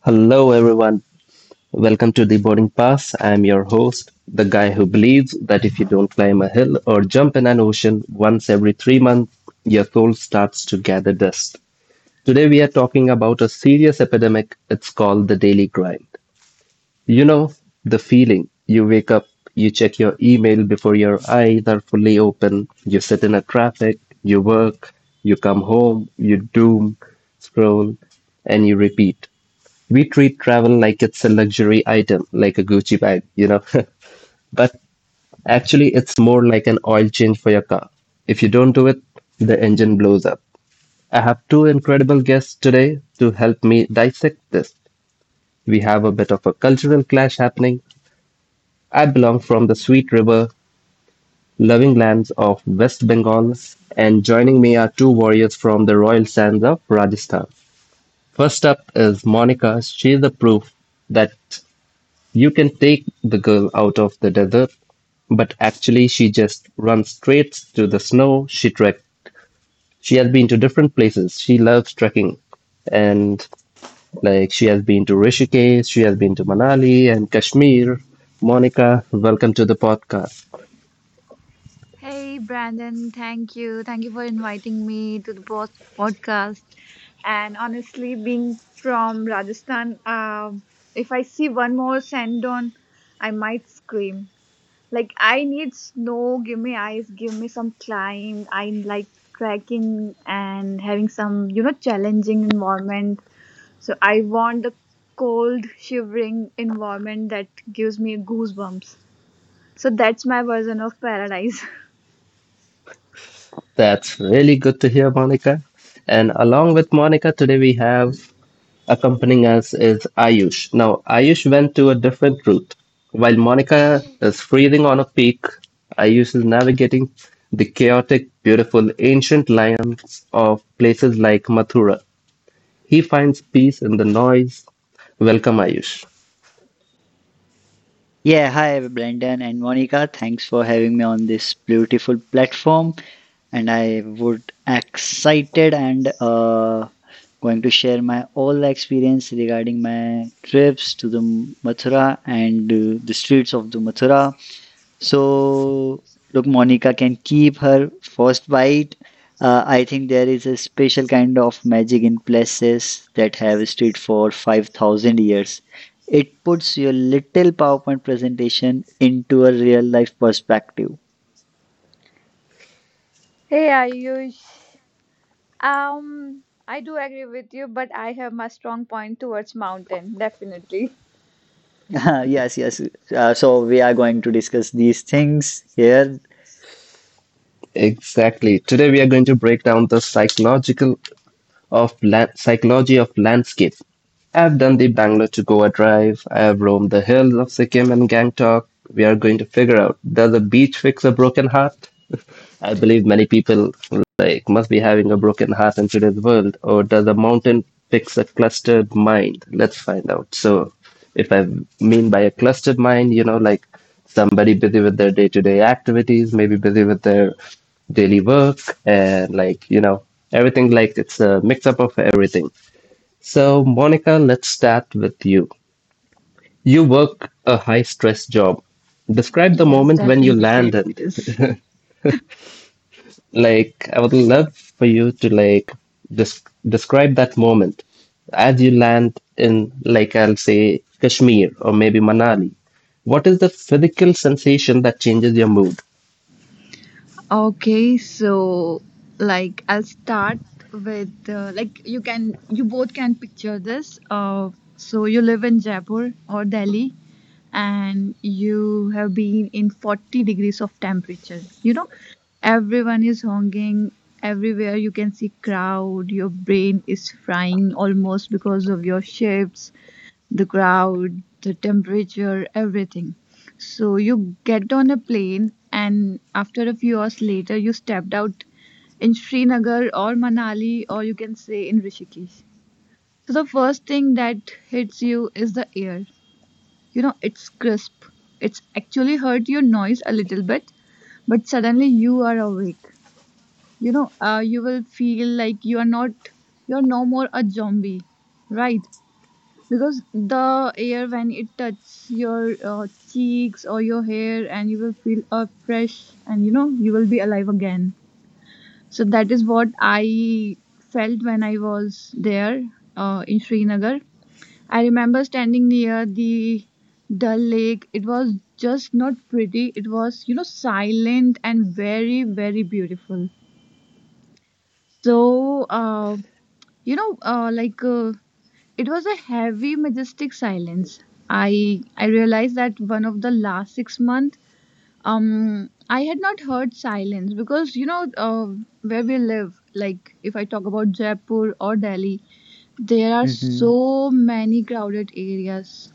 Hello, everyone. Welcome to the boarding pass. I'm your host, the guy who believes that if you don't climb a hill or jump in an ocean once every 3 months, your soul starts to gather dust. Today, we are talking about a serious epidemic. It's called the daily grind. You know, the feeling you wake up, you check your email before your eyes are fully open, you sit in a traffic, you work, you come home, you doom, scroll, and you repeat. We treat travel like it's a luxury item, like a Gucci bag, you know. But actually, it's more like an oil change for your car. If you don't do it, the engine blows up. I have two incredible guests today to help me dissect this. We have a bit of a cultural clash happening. I belong from the sweet river, loving lands of West Bengal, and joining me are two warriors from the royal sands of Rajasthan. First up is Monica. She's the proof that you can take the girl out of the desert, but actually she just runs straight to the snow. She trekked. She has been to different places. She loves trekking, and she has been to Rishikesh, she has been to Manali and Kashmir. Monica, welcome to the podcast. Hey, Brandon, thank you. Thank you for inviting me to the podcast. And honestly, being from Rajasthan, if I see one more sand on, I might scream. Like, I need snow, give me ice, give me some climb. I like trekking and having some, you know, challenging environment. So, I want the cold, shivering environment that gives me goosebumps. So, that's my version of paradise. That's really good to hear, Monica. And along with Monica, today we have accompanying us is Ayush. Now, Ayush went to a different route. While Monica is freezing on a peak, Ayush is navigating the chaotic, beautiful, ancient lands of places like Mathura. He finds peace in the noise. Welcome, Ayush. Yeah, hi Brendan and Monica. Thanks for having me on this beautiful platform. And I would excited and going to share my all experience regarding my trips to the Mathura and the streets of the Mathura. So, look, Monica can keep her first bite. I think there is a special kind of magic in places that have stood for 5,000 years. It puts your little PowerPoint presentation into a real life perspective. Hey Ayush, I do agree with you, but I have my strong point towards mountain, definitely. Yes, yes. So, we are going to discuss these things here. Exactly. Today we are going to break down the psychology of landscape. I have done the Bangalore to Goa drive. I have roamed the hills of Sikkim and Gangtok. We are going to figure out, does a beach fix a broken heart? I believe many people must be having a broken heart in today's world, or does a mountain fix a clustered mind? Let's find out. So, if I mean by a clustered mind, you know, like somebody busy with their day-to-day activities, maybe busy with their daily work, and like, everything it's a mix up of everything. So, Monica, let's start with you. You work a high stress job. Describe the Yes, moment when you definitely. landed. Like, I would love for you to des- describe that moment as you land in, like, I'll say Kashmir or maybe Manali. What is the physical sensation that changes your mood? Okay, so like I'll start with like you both can picture this. So you live in Jaipur or Delhi, and you have been in 40 degrees of temperature, you know, everyone is honking everywhere, you can see crowd, your brain is frying almost because of your shifts, the crowd, the temperature, everything. So you get on a plane and after a few hours later you stepped out in Srinagar or Manali, or you can say in Rishikesh. So the first thing that hits you is the air. You know, it's crisp. It's actually hurt your noise a little bit, but suddenly you are awake. You know, you will feel like you are not, you're no more a zombie, right? Because the air, when it touches your cheeks or your hair, and you will feel fresh and, you know, you will be alive again. So that is what I felt when I was there in Srinagar. I remember standing near the Dal Lake. It was just not pretty, it was, you know, silent and very, very beautiful. So, you know, uh, like uh, it was a heavy, majestic silence. I realized that one of the last 6 months, I had not heard silence because, you know, where we live. Like if I talk about Jaipur or Delhi, there are Hmm. so many crowded areas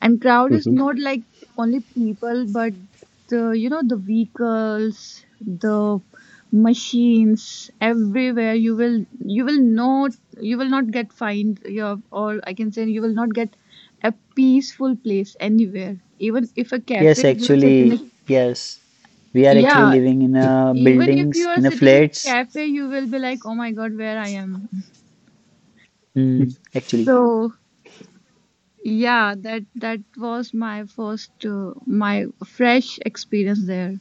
and crowd is hmm not like only people but the, you know, the vehicles, the machines everywhere. You will not get fined your, or I can say, you will not get a peaceful place anywhere. Even if a Yes, cafe, if you sit in actually, a, yes. We are actually yeah, living in a even if you buildings, are in a sitting in a flats. cafe you will be like, oh my god, where I am? Mm, actually. So yeah, that was my first my fresh experience there.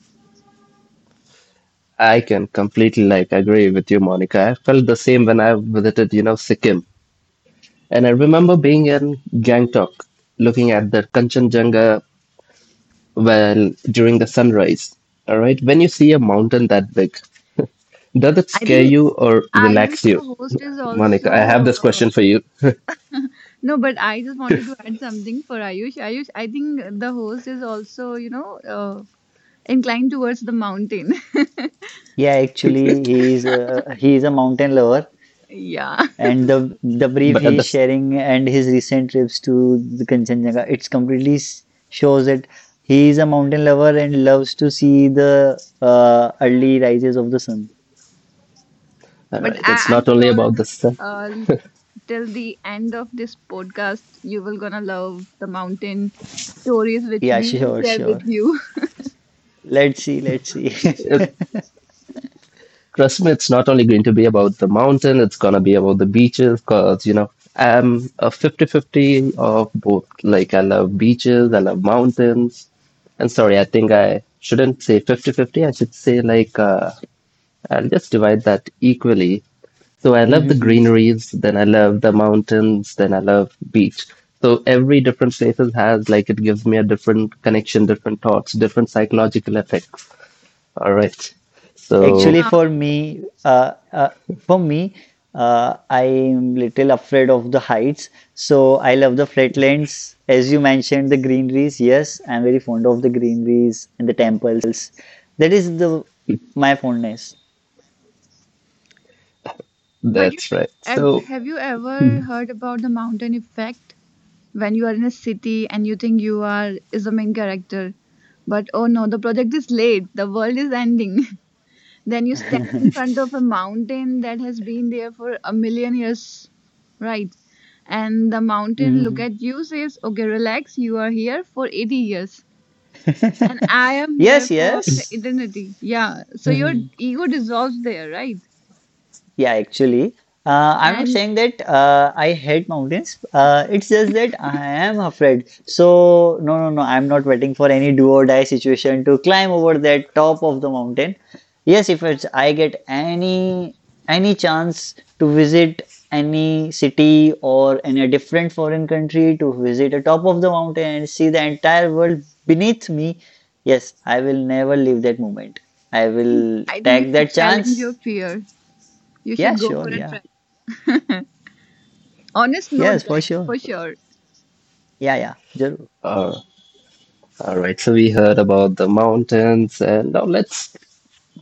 I can completely agree with you, Monica. I felt the same when I visited, you know, Sikkim. And I remember being in Gangtok, looking at the Kanchenjunga well during the sunrise. All right, when you see a mountain that big, does it I scare think you or Ayush, relax you? the host, is Monica, I have also. this question for you, No, but I just wanted to add something for Ayush. Ayush, I think the host is also, you know, inclined towards the mountain. Yeah, actually, he is a mountain lover, Yeah. and the brief but he at is this, sharing and his recent trips to the Kanchenjunga, it's completely shows that he is a mountain lover and loves to see the early rises of the sun. all But right, it's I'm not only sure about the sun. uh, till the end of this podcast, you will gonna love the mountain stories which Yeah, we will sure, share sure. with you. Let's see, let's see. Trust me, it's not only going to be about the mountain, it's going to be about the beaches because, you know, I'm a 50-50 of both. Like, I love beaches, I love mountains. And sorry, I think I shouldn't say 50-50. I should say, like, I'll just divide that equally. So I love the greeneries, then I love the mountains, then I love beach. So every different places has, it gives me a different connection, different thoughts, different psychological effects. All right. So Actually, Yeah. for me, I am little afraid of the heights. So I love the flatlands. As you mentioned, the greeneries. Yes, I'm very fond of the greeneries and the temples. That is the my fondness. But you, that's right. have So, have you ever heard about the mountain effect? When you are in a city and you think you are is the main character, but oh no, the project is late, the world is ending. Then you stand in front of a mountain that has been there for a million years, right? And the mountain look Mhm. at you, says, okay, relax, you are here for 80 years and I am here Yes, for the yes. eternity. Yeah, so your ego dissolves there, right? Yeah, actually, I'm not And i saying that I hate mountains. It's just that I am afraid. So, no, no, no, I'm not waiting for any do or die situation to climb over that top of the mountain. Yes, if it's, I get any chance to visit any city or any different foreign country to visit the top of the mountain and see the entire world beneath me, yes, I will never leave that moment. I think will i think you take should that challenge your chance. fear, you Yeah, should go for sure, a yeah. trek. Honest, no Yes, for trek sure. for sure. Yeah, yeah. Jarur. uh, all right. So we heard about the mountains, and now let's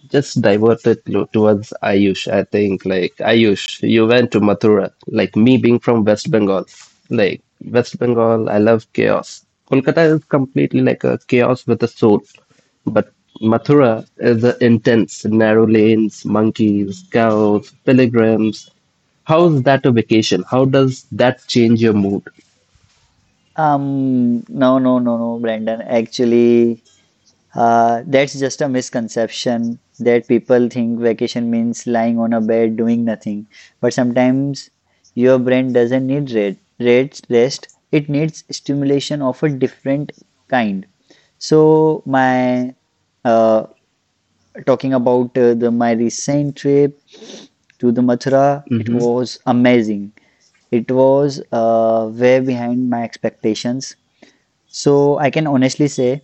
just towards Ayush. I think, like Ayush, you went to Mathura. Like me, being from West Bengal, West Bengal, I love chaos. Kolkata is completely like a chaos with a soul, but Mathura is a intense, narrow lanes, monkeys, cows, pilgrims. How's that a vacation? How does that change your mood? No, no, no, no, Brandon. Actually, that's just a misconception that people think vacation means lying on a bed doing nothing. But sometimes your brain doesn't need red rest. It needs stimulation of a different kind. So my uh, talking about the my recent trip to the Mathura, it was amazing. It was way behind my expectations. So I can honestly say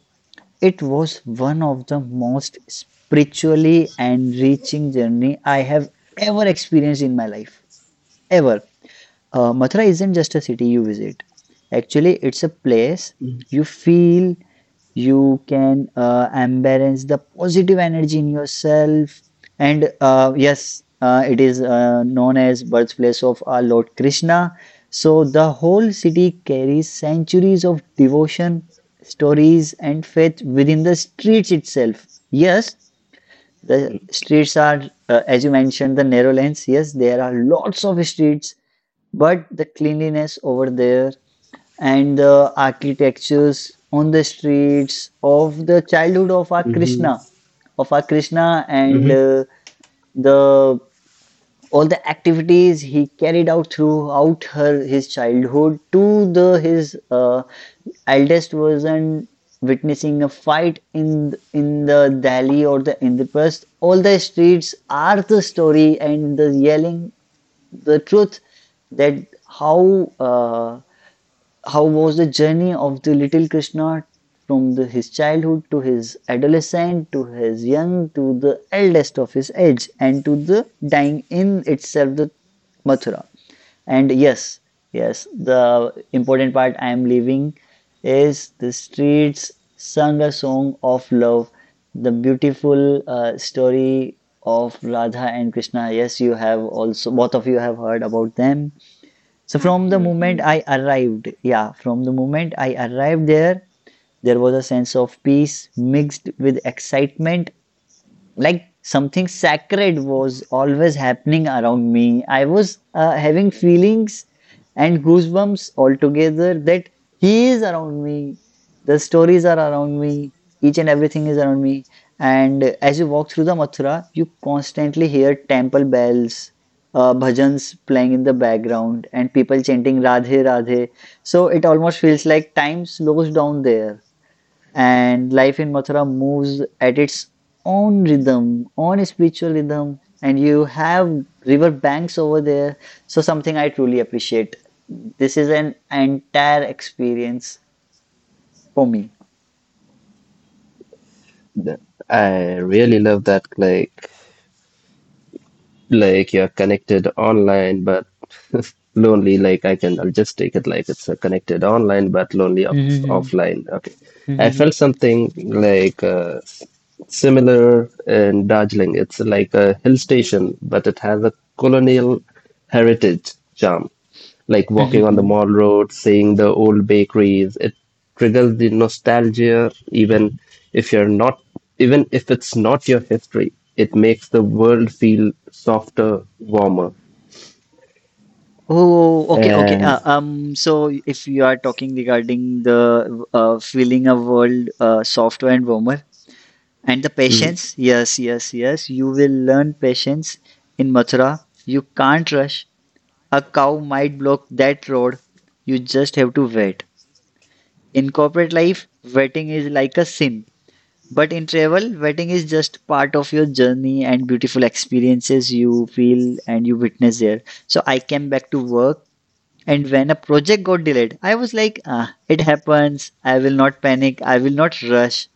it was one of the most spiritually enriching journey I have ever experienced in my life. Ever. Mathura isn't just a city you visit. Actually, it's a place you feel you can embrace the positive energy in yourself, and yes, it is known as birthplace of our Lord Krishna. So the whole city carries centuries of devotion, stories and faith within the streets itself. Yes, the streets are, as you mentioned, the narrow lanes. Yes, there are lots of streets, but the cleanliness over there and the architectures on the streets of the childhood of our Krishna, Mm-hmm. And hmm the all the activities he carried out throughout her his childhood to the his eldest version, witnessing a fight in the Delhi or the Indraprasth. All the streets are the story and the yelling the truth that how. How was the journey of the little Krishna from his childhood to his adolescent to his young to the eldest of his age and to the dying in itself the Mathura. And yes, yes, the important part I am leaving is the streets sung a song of love, the beautiful story of Radha and Krishna. Yes, you have also both of you have heard about them. So from the Absolutely, moment yes. I arrived, yeah, from the moment I arrived there, there was a sense of peace mixed with excitement, like something sacred was always happening around me. I was having feelings and goosebumps altogether, that he is around me, the stories are around me, each and everything is around me. And as you walk through the Mathura, you constantly hear temple bells, bhajans playing in the background and people chanting Radhe Radhe. So it almost feels like time slows down there, and life in Mathura moves at its own rhythm, own spiritual rhythm, and you have river banks over there. So something I truly appreciate. This is an entire experience for me. I really love that. Like you're connected online, but lonely. I'll just take it like it's a connected online, but lonely off Mm-hmm, offline. Okay, I mm-hmm, felt something similar in Darjeeling. It's like a hill station, but it has a colonial heritage charm. Like walking on the mm-hmm. mall road, seeing the old bakeries. It triggers the nostalgia, even if you're not, even if it's not your history. It makes the world feel softer, warmer. Oh, okay, okay. And So if you are talking regarding the feeling a world softer and warmer and the mm, patience, yes, yes, yes, you will learn patience in Mathura. You can't rush. A cow might block that road. You just have to wait. In corporate life, waiting is like a sin. But in travel, waiting is just part of your journey and beautiful experiences you feel and you witness there. So I came back to work, and when a project got delayed, I was like, ah, it happens. I will not panic. I will not rush.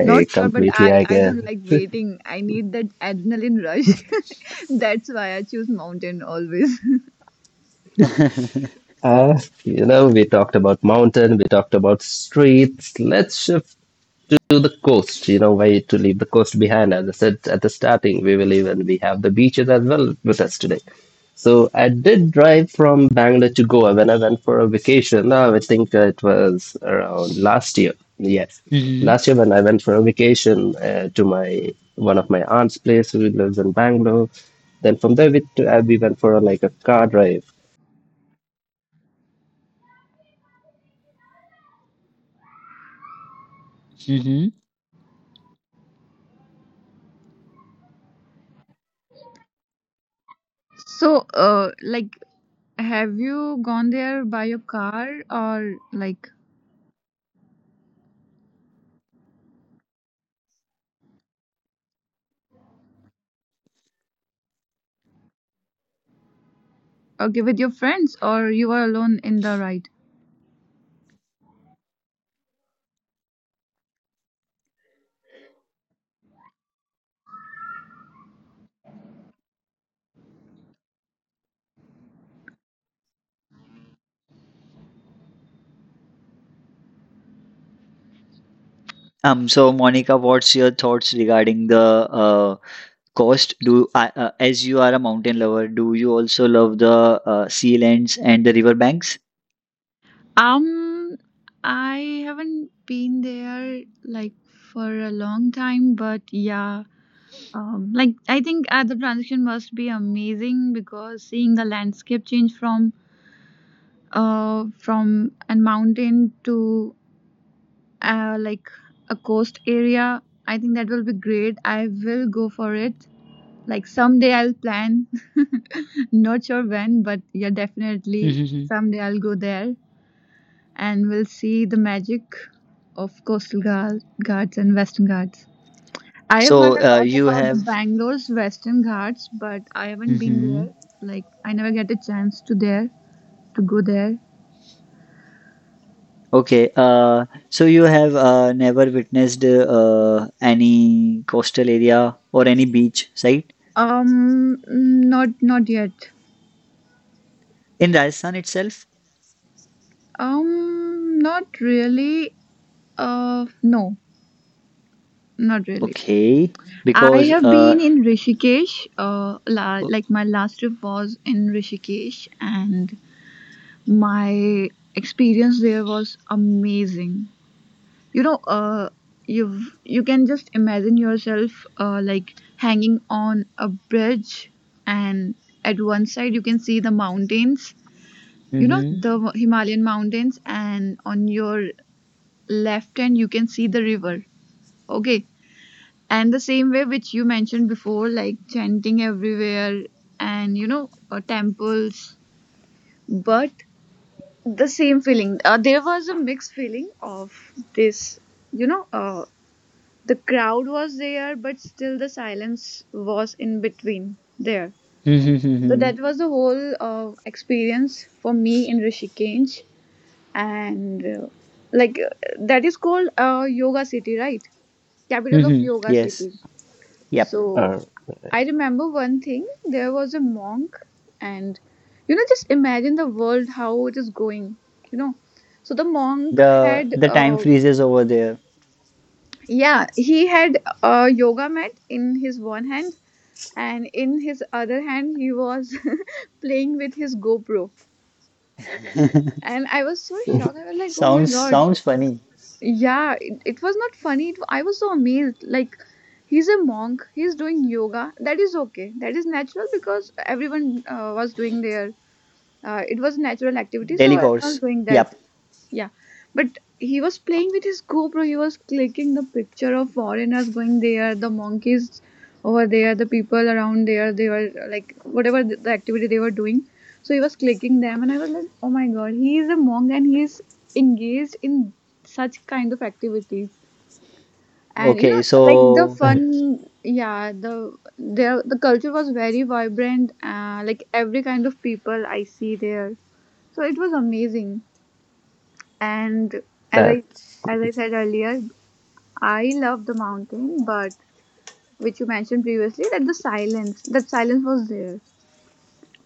Not sure, but completely I agree. don't like waiting. I need that adrenaline rush. That's why I choose mountain always. You know, we talked about mountain, we talked about streets. Let's shift to the coast. You know, why to leave the coast behind. As I said at the starting, we will even we have the beaches as well with us today. So I did drive from Bangalore to Goa when I went for a vacation. Now I think it was around last year. Yes, hmm last year when I went for a vacation to my one of my aunt's place who lives in Bangalore. Then from there we, we went for a, like a car drive. hmm So, like, have you gone there by your car or like, okay, with your friends, or you were alone in the ride? so Monica, what's your thoughts regarding the uh, as you are a mountain lover, do you also love the sea lands and the river banks? Um, I haven't been there like for a long time, but yeah. Like I think the transition must be amazing because seeing the landscape change from from a mountain to like a coast area. I think that will be great. I will go for it. Like someday I'll plan. Not sure when, but yeah, definitely Mm-hmm. someday I'll go there and we'll see the magic of coastal guards and western guards. I have heard so a uh, lot you about the have Bangalore's western guards, but I haven't been there. hmm Like I never get a chance to there to go there. okay so you have never witnessed any coastal area or any beach site Not yet. in Rajasthan itself, Not really. No, not really. okay, I because have been in Rishikesh. Like my last trip was in Rishikesh, and my experience there was amazing. You know, you can just imagine yourself, like hanging on a bridge, and at one side you can see the mountains, you know, Mm-hmm. the Himalayan mountains, and on your left hand you can see the river, okay? And the same way which you mentioned before, like chanting everywhere and, you know, temples, but the same feeling there was a mixed feeling of this, you know, the crowd was there but still the silence was in between there. So Mm-hmm. that was the whole experience for me in Rishikesh. And like uh, that is called yoga city, right? Capital of Mm-hmm. yoga Yes, city. yep, So Uh, I remember one thing, there was a monk, and you know, just imagine the world how it is going, you know? So the monk the had the time freezes over there. yeah, he had a yoga mat in his one hand, and in his other hand he was playing with his GoPro. And I was so shocked, I was like, oh my Sounds, god. Funny. Yeah, it was not funny, I was so amazed. Like he's a monk, he's doing yoga, that is okay, that is natural because everyone was doing their it was natural activity, so Daily everyone's course. doing that. Yep. Yeah, but he was playing with his GoPro. He was clicking the picture of foreigners going there, the monkeys over there, the people around there. They were like, whatever the activity they were doing. So he was clicking them, and I was like, oh my god, he is a monk and he is engaged in such kind of activities. And you know, Okay. like the So, fun, yeah, there the culture was very vibrant. Like every kind of people I see there, so it was amazing. And as I, that's said earlier, I love the mountain, but which you mentioned previously that the silence, that silence was there.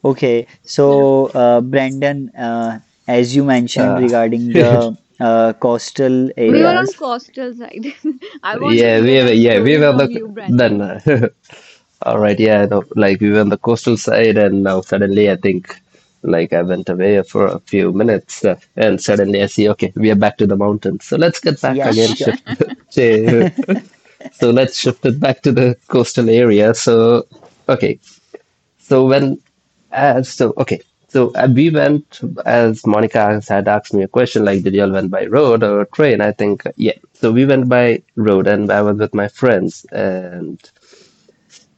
okay. So So, Brandon, as you mentioned uh, regarding the coastal we were great. on areas, coastal side. I want to Yeah, hear we were that yeah we story were the from you, then. Brandon. All right, yeah, no, like we were on the coastal side, and now suddenly I think like I went away for a few minutes, and suddenly I see okay we are back to the mountains. So let's get back yes, again. sure. Shift. So let's shift it back to the coastal area. So okay. So when so okay, so we went as Monica had asked me a question like, did y'all went by road or train? I think yeah. So we went by road, and I was with my friends, and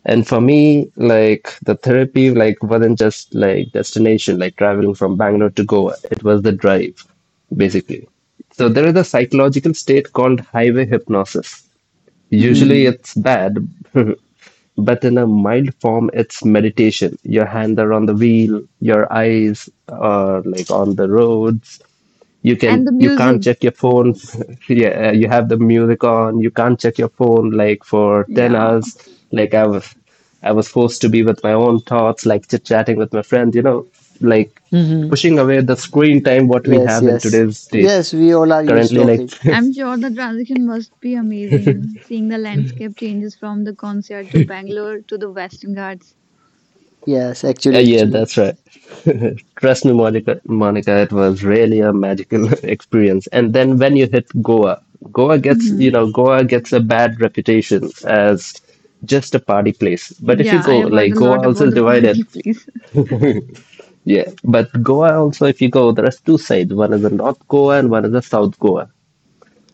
for me, like the therapy, wasn't just like destination, like traveling from Bangalore to Goa. It was the drive, basically. So there is a psychological state called highway hypnosis. Mm-hmm. Usually Mm-hmm. it's bad, but in a mild form it's meditation. Your hands are on the wheel, your eyes are on the roads, And the you can't music. check your phone. Yeah, you have the music on, you can't check your phone for 10 Yeah. hours. Like I was forced to be with my own thoughts, like chit chatting with my friend, you know, like Mm-hmm. pushing away the screen time what we Yes, have in yes. today's state Yes, we all are used currently, of it. I'm sure the transition must be amazing, seeing the landscape changes from the concert to Bangalore to the Western Ghats. Yes, yeah, actually. that's right. Trust me, Monica, it was really a magical experience. And then when you hit Goa, Goa gets, you Hmm. know, Goa gets a bad reputation as just a party place. But if you Yeah, I go, have like heard a Goa lot also about is the divided. party place. Yeah, but Goa also, if you go, there are two sides. One is the North Goa and one is the South Goa.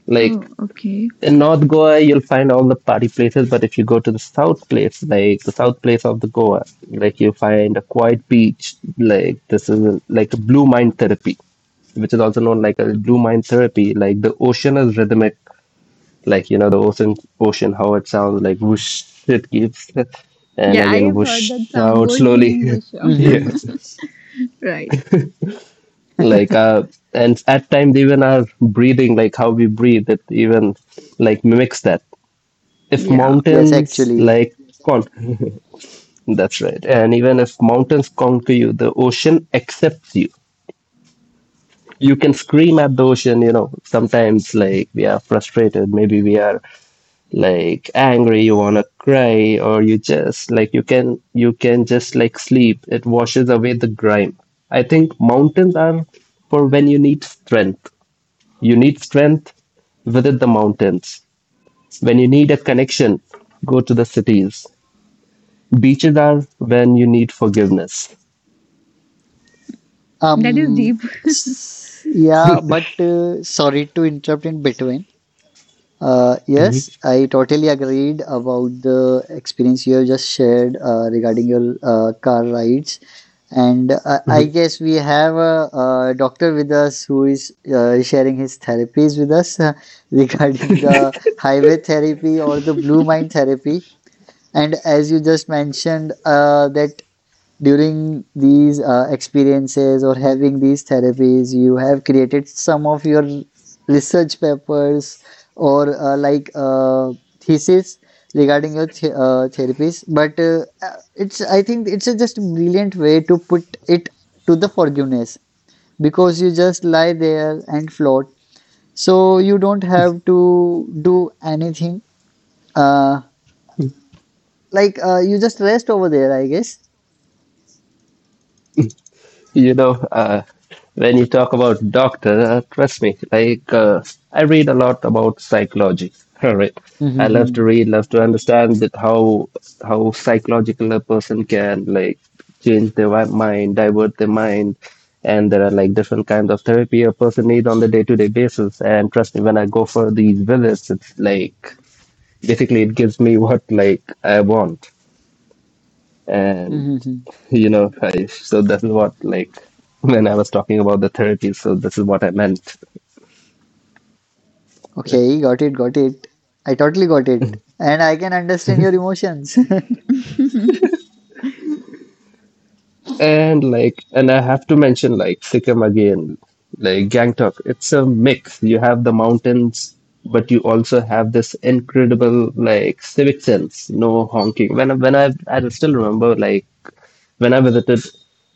Like Oh, okay. in North Goa, you'll find all the party places, but if you go to the south place, like the south place of the Goa, like you'll find a quiet beach, like this is a, like a blue mind therapy, which is also known like a blue mind therapy. Like the ocean is rhythmic, like ocean, ocean how it sounds like whoosh, it keeps, and Yeah, I again have heard that whoosh sound. out Version, slowly. version. Yeah, Mm-hmm. Right. like uh, and at times even our breathing, like how we breathe, it even mimics that. If Yeah. Yes, mountains actually. like con that's right. And even if mountains conquer you, the ocean accepts you. You can scream at the ocean, you know, sometimes like we are frustrated, maybe we are like angry, you want to cry, or you just you can just sleep. It washes away the grime. I think mountains are for when you need strength. you need strength Visit the mountains. When you need a connection, go to the cities. Beaches are when you need forgiveness. That is Um, deep. Yeah, but sorry to interrupt in between. Mhm, Yes, I totally agreed about the experience you have just shared regarding your car rides. And I mhm. guess we have a, doctor with us who is sharing his therapies with us, regarding the highway therapy or the blue mind therapy. And as you just mentioned, that during these experiences or having these therapies, you have created some of your research papers or like thesis regarding your therapies, but it's I think it's a just brilliant way to put it, to the forgiveness, because you just lie there and float, so you don't have to do anything, uh, like, you just rest over there, I guess. You know, when you talk about doctor, trust me, like I read a lot about psychology. All right, I love to read, love to understand that how psychological a person can change their mind, divert their mind, and there are like different kinds of therapy a person needs on the day to day basis. And trust me, when I go for these visits, it's like basically it gives me what I want. And. You know I, so this is what when I was talking about the therapy, so this is what I meant. Okay, got it, got it. I totally got it. And I can understand your emotions. And I have to mention sikkim again, gangtok, it's a mix. You have the mountains, but you also have this incredible civic sense, no honking. When I still remember when I visited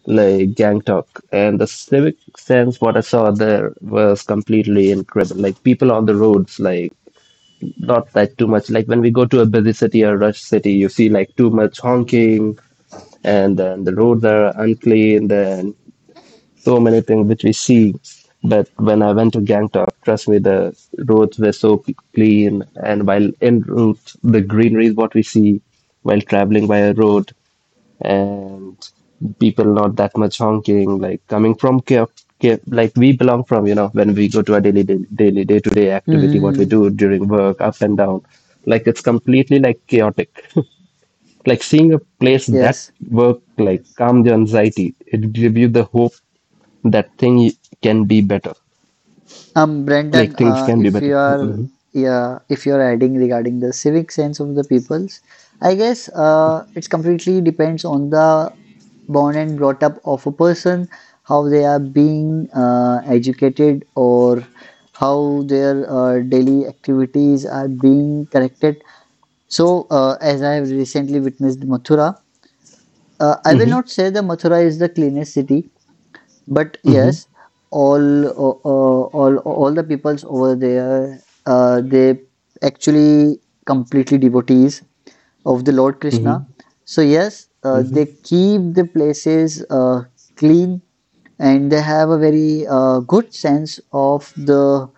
gangtok and the civic sense what I saw there was completely incredible, like people on the roads not that too much. Like when we go to a busy city or rush city, you see too much honking, and then the roads are unclean, and so many things which we see. But when I went to Gangtok, trust me, the roads were so clean, and while en route, the greenery is what we see while traveling by a road and people not that much honking like coming from care like we belong from when we go to our daily day to day activity what we Mhm. do during work up and down. Like it's completely like chaotic like seeing a place that Yes. work like calm the anxiety, it give you the hope that can be better Brendan, things can be if better. you are Hmm yeah, if you're adding regarding the civic sense of the peoples, I guess it's completely depends on the born and brought up of a person, how they are being educated or how their daily activities are being corrected. So, as I have recently witnessed Mathura, I will hmm not say the Mathura is the cleanest city, but hmm yes, all the peoples over there, they actually completely devotees of the Lord hmm Krishna. So yes, they hmm keep the places clean, and they have a very good sense of the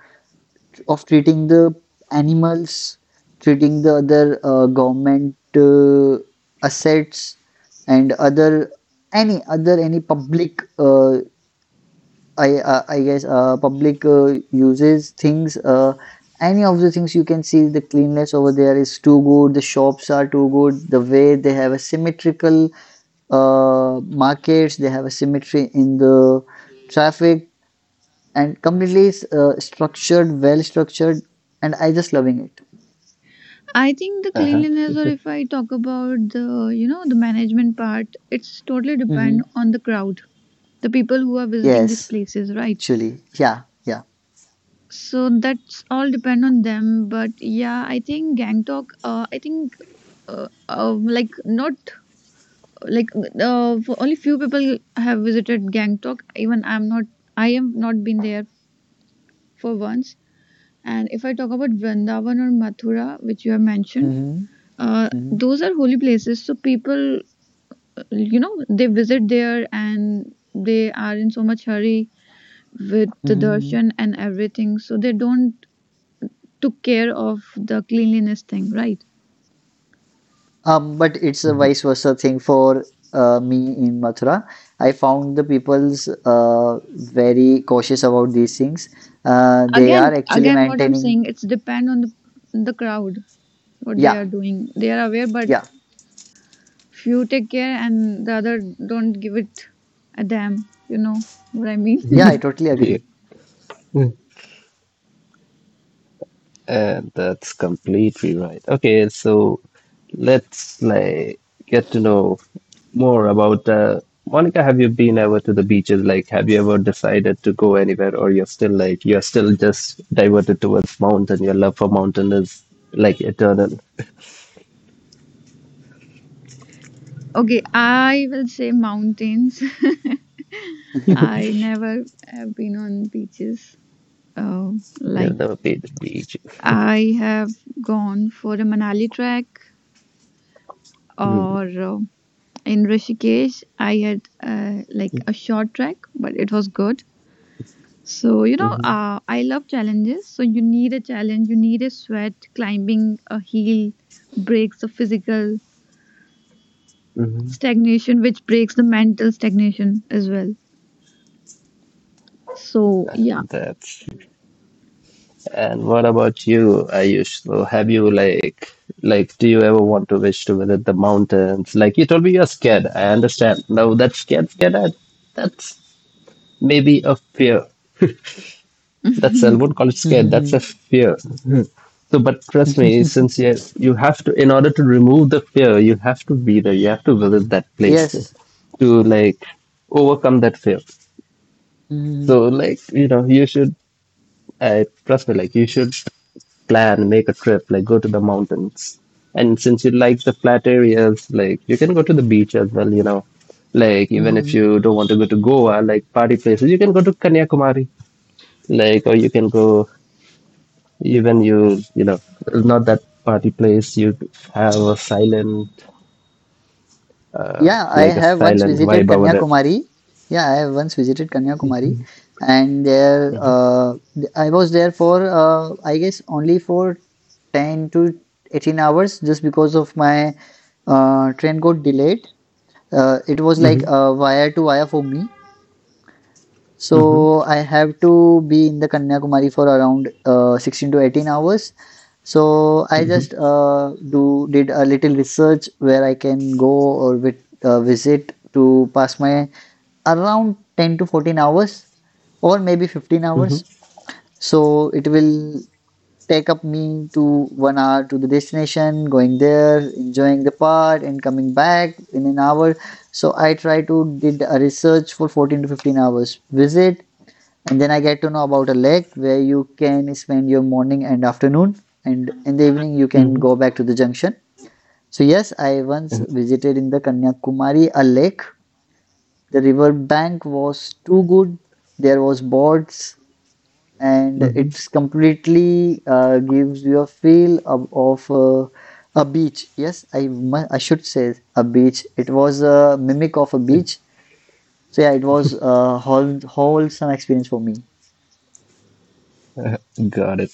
of treating the animals, treating the other government assets, and other any public, I guess public uses things. Any of the things, you can see the cleanliness over there is too good, the shops are too good, the way they have a symmetrical markets, they have a symmetry in the traffic, and completely structured, well structured, and I just loving it. I think the uh-huh. cleanliness, or if I talk about the, you know, the management part, it's totally depend Mhm. on the crowd, the people who are visiting these Yes, places, right? actually, yeah, yeah. So that's all depend on them. But yeah, I think Gangtok, I think, like not like for only few people have visited Gangtok. Even I'm not, I have not been there for once. And if I talk about Vrindavan or Mathura, which you have mentioned, Mm-hmm. Mm-hmm. those are holy places. So people, you know, they visit there and they are in so much hurry with the Mhm. darshan and everything. So they don't took care of the cleanliness thing, right? But it's a vice versa thing for me in Mathura. I found the people's very cautious about these things. They Again, are actually again, what I'm maintaining. saying, it's depend on the crowd, what they Yeah, are doing. They are aware, but yeah, few take care and the other don't give it a damn. You know what I mean? yeah. I totally hmm agree. And that's completely right. Okay, so let's get to know more about Monica. Have you been ever to the beaches? Like, have you ever decided to go anywhere, or you're still like you're still just diverted towards mountain? Your love for mountain is like eternal. Okay, I will say mountains. I never have been on beaches. Uh, You've like never been to the beach. I have gone for a Manali trek, Hmm, or in Rishikesh, I had like a short trek, but it was good. So you know, Mm-hmm. I love challenges. So you need a challenge, you need a sweat. Climbing a hill breaks the physical stagnation, which breaks the mental stagnation as well. So yeah. That's And what about you, Ayush? So have you do you ever want to wish to visit the mountains? Like you told me you're scared. I understand. No, that's scared, scared. That's maybe a fear. That's I won't call it scared. That's a Mhm. fear. Mhm. So, but trust me, since you have to, in order to remove the fear, you have to be there. You have to visit that place Yes. to overcome that fear. Mhm. So, you should. I trust me. Like you should plan, make a trip, like go to the mountains. And since you like the flat areas, like you can go to the beach as well, you know. Like even if Mhm. you don't want to go to Goa, like party places, you can go to Kanyakumari. Like or you can go even, you know, it's not that party place. You have a silent Yeah, I like a have once silent visited vibe over there. Kanyakumari. Yeah, I have once visited Kanyakumari, and Mm-hmm. I was there for I guess only for 10 to 18 hours, just because of my train got delayed. It was like, Mm-hmm. Wire to wire for me. Mm-hmm. So I have to be in the Kanyakumari for around 16 to 18 hours. So I Mm-hmm. just do did a little research where I can go or visit to pass my around 10 to 14 hours, or maybe 15 hours. So it will take up me to 1 hour to the destination, going there, enjoying the part, and coming back in an hour. So I try to did a research for 14 to 15 hours visit, and then I get to know about a lake where you can spend your morning and afternoon, and in the evening you can Mm-hmm. go back to the junction. So yes, I once visited in the Kanyakumari a lake. The riverbank was too good. There was boats, and Mm-hmm. it's completely gives you a feel of a beach. Yes, I should say a beach. It was a mimic of a beach. So yeah, it was a wholesome experience for me. Got it.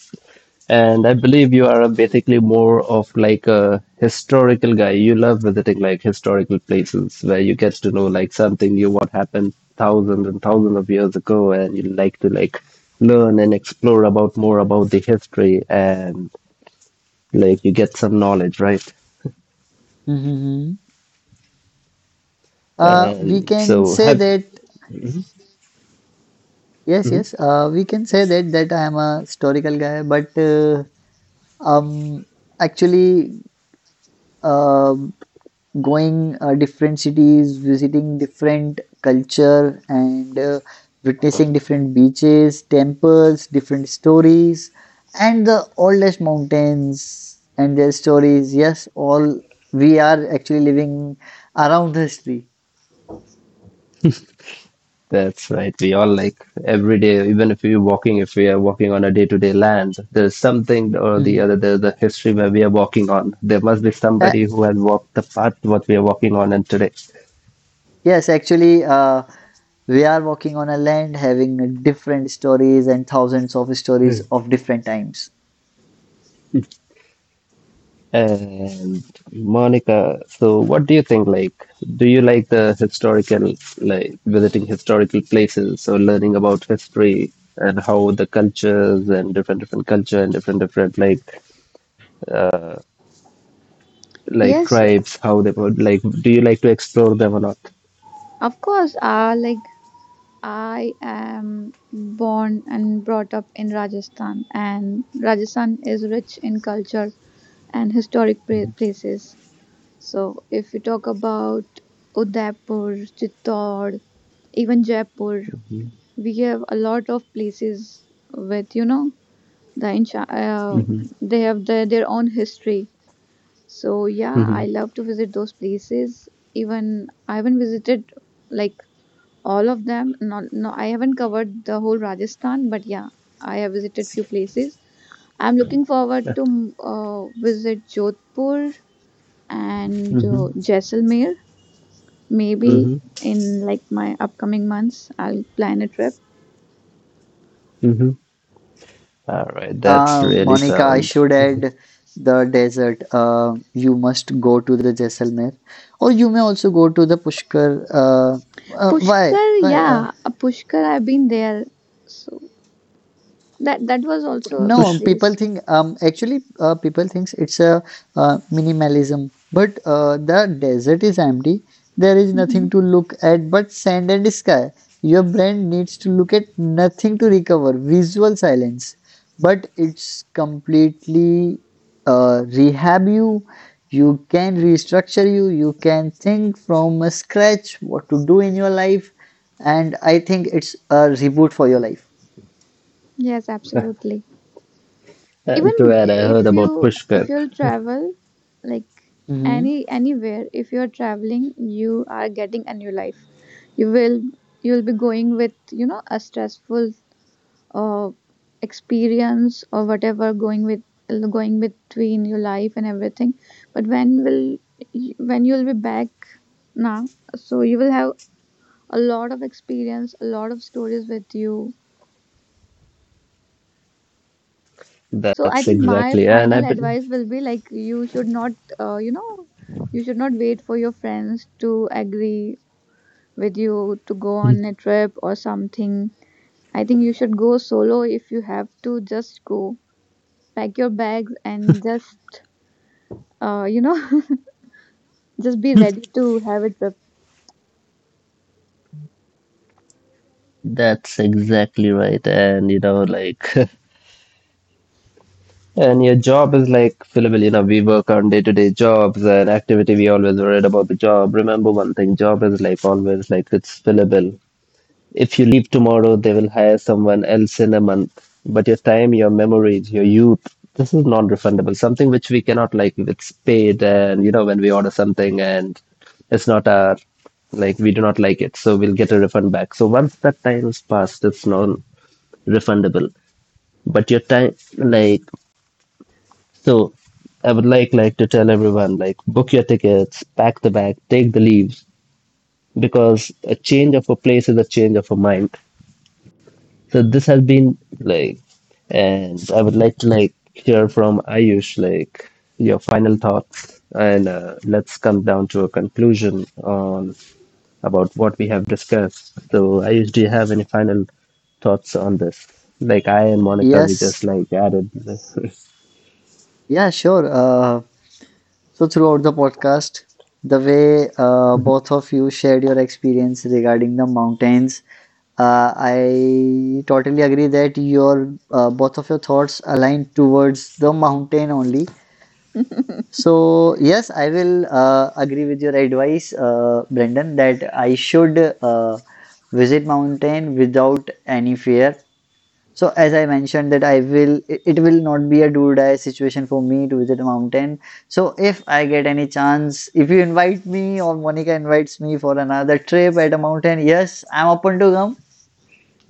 And I believe you are basically more of like a historical guy. You love visiting like historical places where you get to know like something, you what happened thousands and thousands of years ago, and you like to learn and explore about more about the history and like you get some knowledge, right? Mm-hmm. We And can so say have. that yes, yes. We can say that I am a historical guy, but um, actually, uh, going different cities, visiting different culture, and witnessing different beaches, temples, different stories, and the oldest mountains and their stories. Yes, all we are actually living around history. That's right. We all like every day, even if we're walking, if we are walking on a day-to-day land, there's something or the Mhm. other, there's a history where we are walking on. There must be Uh, somebody who has walked the path what we are walking on and today. yes, actually, we are walking on a land having different stories and thousands of stories of different times. And Monica, so what do you think? Like, do you like the historical, like visiting historical places or learning about history and how the cultures and different different culture and different different like Yes, tribes, how they would like, do you like to explore them or not? of course. Like I am born and brought up in Rajasthan, and Rajasthan is rich in culture and historic places. So, if you talk about Udaipur, Chittor, even Jaipur, we have a lot of places with, you know, the Mhm. they have their own history. So yeah, I Mhm. love to visit those places. Even I haven't visited like all of them. Not, no, I haven't covered the whole Rajasthan, but yeah, I have visited few places. I'm looking forward Yeah. to visit Jodhpur and Mhm. Jaisalmer. Maybe Mhm. in like my upcoming months, I'll plan a trip. Mhm. All right, that's really Monica, I sound. should add the desert. You must go to the Jaisalmer, or you may also go to the Pushkar. Why? Pushkar, Why? Yeah, Pushkar. I've been there, so that was also a good No, Push place. People thinks it's a minimalism, but the desert is empty. There is Hmm. nothing to look at but sand and sky. Your brain needs to look at nothing to recover visual silence, but it's completely rehab you. You can restructure you. You can think from a scratch what to do in your life, and I think it's a reboot for your life. Yes, absolutely. Even and to add, I heard if you, about if Pushkar. you'll travel like Hmm. any anywhere, if you're traveling you are getting a new life. You will, you'll be going with, you know, a stressful uh, experience or whatever, going with going between your life and everything, but when will when you'll be back now, so you will have a lot of experience, a lot of stories with you. So I That's think my exactly, and I final believe advice will be like, you should not, you know, you should not wait for your friends to agree with you to go on a trip or something. I think you should go solo if you have to. Just go, pack your bags, and just, you know, just be ready to have a trip. that's exactly right. And you know, like, and your job is like fillable. You know, we work on day-to-day jobs and activity. We always worried about the job. Remember one thing: job is like always like it's fillable. If you leave tomorrow, they will hire someone else in a month. But your time, your memories, your youth, this is non-refundable. Something which we cannot like, if it's paid and you know when we order something and it's not our like we do not like it, so we'll get a refund back. So once that time is passed, it's non-refundable. But your time, like so I would to tell everyone like book your tickets, pack the bag, take the leaves because a change of a place is a change of a mind. So this has been like, and I would like to like hear from Ayush like your final thoughts, and let's come down to a conclusion on about what we have discussed. So Ayush, do you have any final thoughts on this? Like I and Monica, we just Yes. like added this. Yeah, sure. So throughout the podcast, the way both of you shared your experience regarding the mountains, I totally agree that your both of your thoughts align towards the mountain only. So yes, I will agree with your advice, Brendan, that I should visit mountain without any fear. So as I mentioned that I will it it will not be a do or die situation for me to visit a mountain. So if I get any chance, if you invite me or Monica invites me for another trip at a mountain, yes, I'm open to come.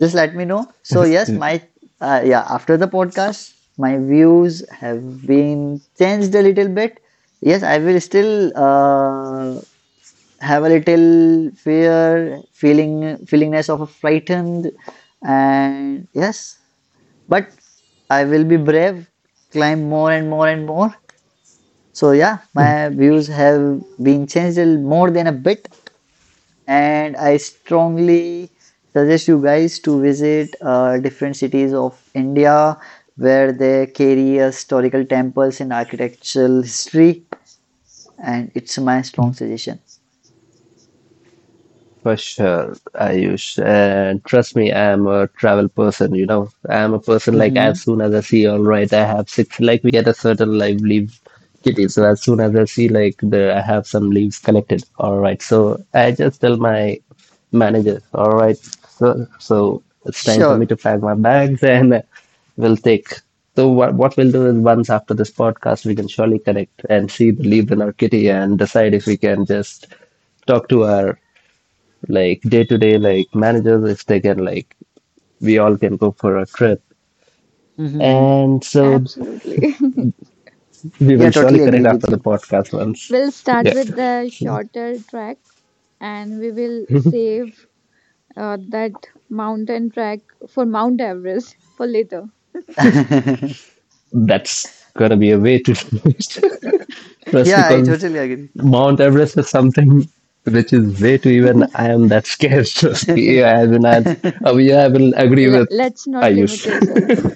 Just let me know. So yes, my yeah, after the podcast, my views have been changed a little bit. Yes, I will still have a little fear, feelingness of a frightened, and yes, but I will be brave, climb more and more and more. So yeah, my views have been changed more than a bit, and I strongly suggest you guys to visit different cities of India where they carry historical temples and architectural history, and it's my strong suggestion. For sure, Ayush. And trust me, I am a travel person, you know. I am a person like Hmm. as soon as I see, all right, I have six, like we get a certain like leave kitty. So as soon as I see like the, I have some leaves collected, all right. So I just tell my manager, all right, it's time for me Sure. to pack my bags and we'll take. So what we'll do is, once after this podcast, we can surely connect and see the leaves in our kitty and decide if we can just talk to our like day to day like managers if they can like we all can go for a trip, Hmm. and so Absolutely. we Yeah, will surely totally connect agree after with the you. podcast once. We'll start Yeah, with the shorter track and we will save that mountain track for Mount Everest for later. that's gonna be a way to do it. Trust, Yeah, I because totally Mount Everest is something which is way too, even I am that scared. Trust me, agree. yeah, I will not, yeah, I will agree L- with let's not limit Ayush. yourself.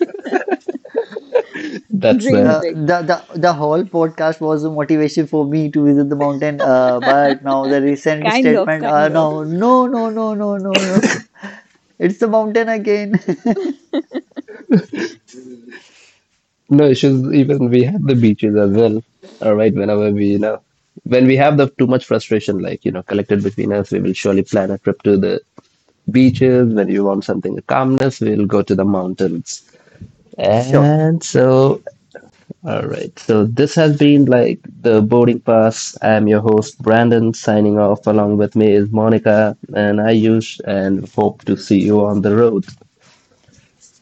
That's Dream there. Uh, big. the whole podcast was a motivation for me to visit the mountain. But now the recent Kind of, statement, kind of. no, no, no, no, no, no, no. It's the mountain again. No issues. Even we have the beaches as well. All right, whenever we, you know, when we have the too much frustration, like you know, collected between us, we will surely plan a trip to the beaches. When you want something a calmness, we'll go to the mountains. Sure. And so, all right. So this has been like the boarding pass. I am your host Brandon, signing off. Along with me is Monica and Ayush, and hope to see you on the road.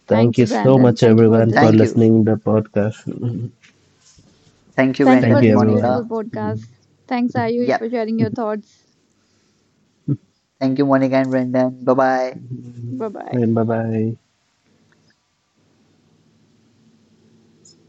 Thank Thank you you, so Brandon. much, Thank you for everyone, for this. Thank you. listening the podcast. Thank you, Thank you Brendan for Thank and you, this beautiful everyone. Monica. podcast. Thanks, Ayush, for Yep. sharing your thoughts. Thank you, Monica and Brendan. Bye bye. Bye bye. 嗯，拜拜。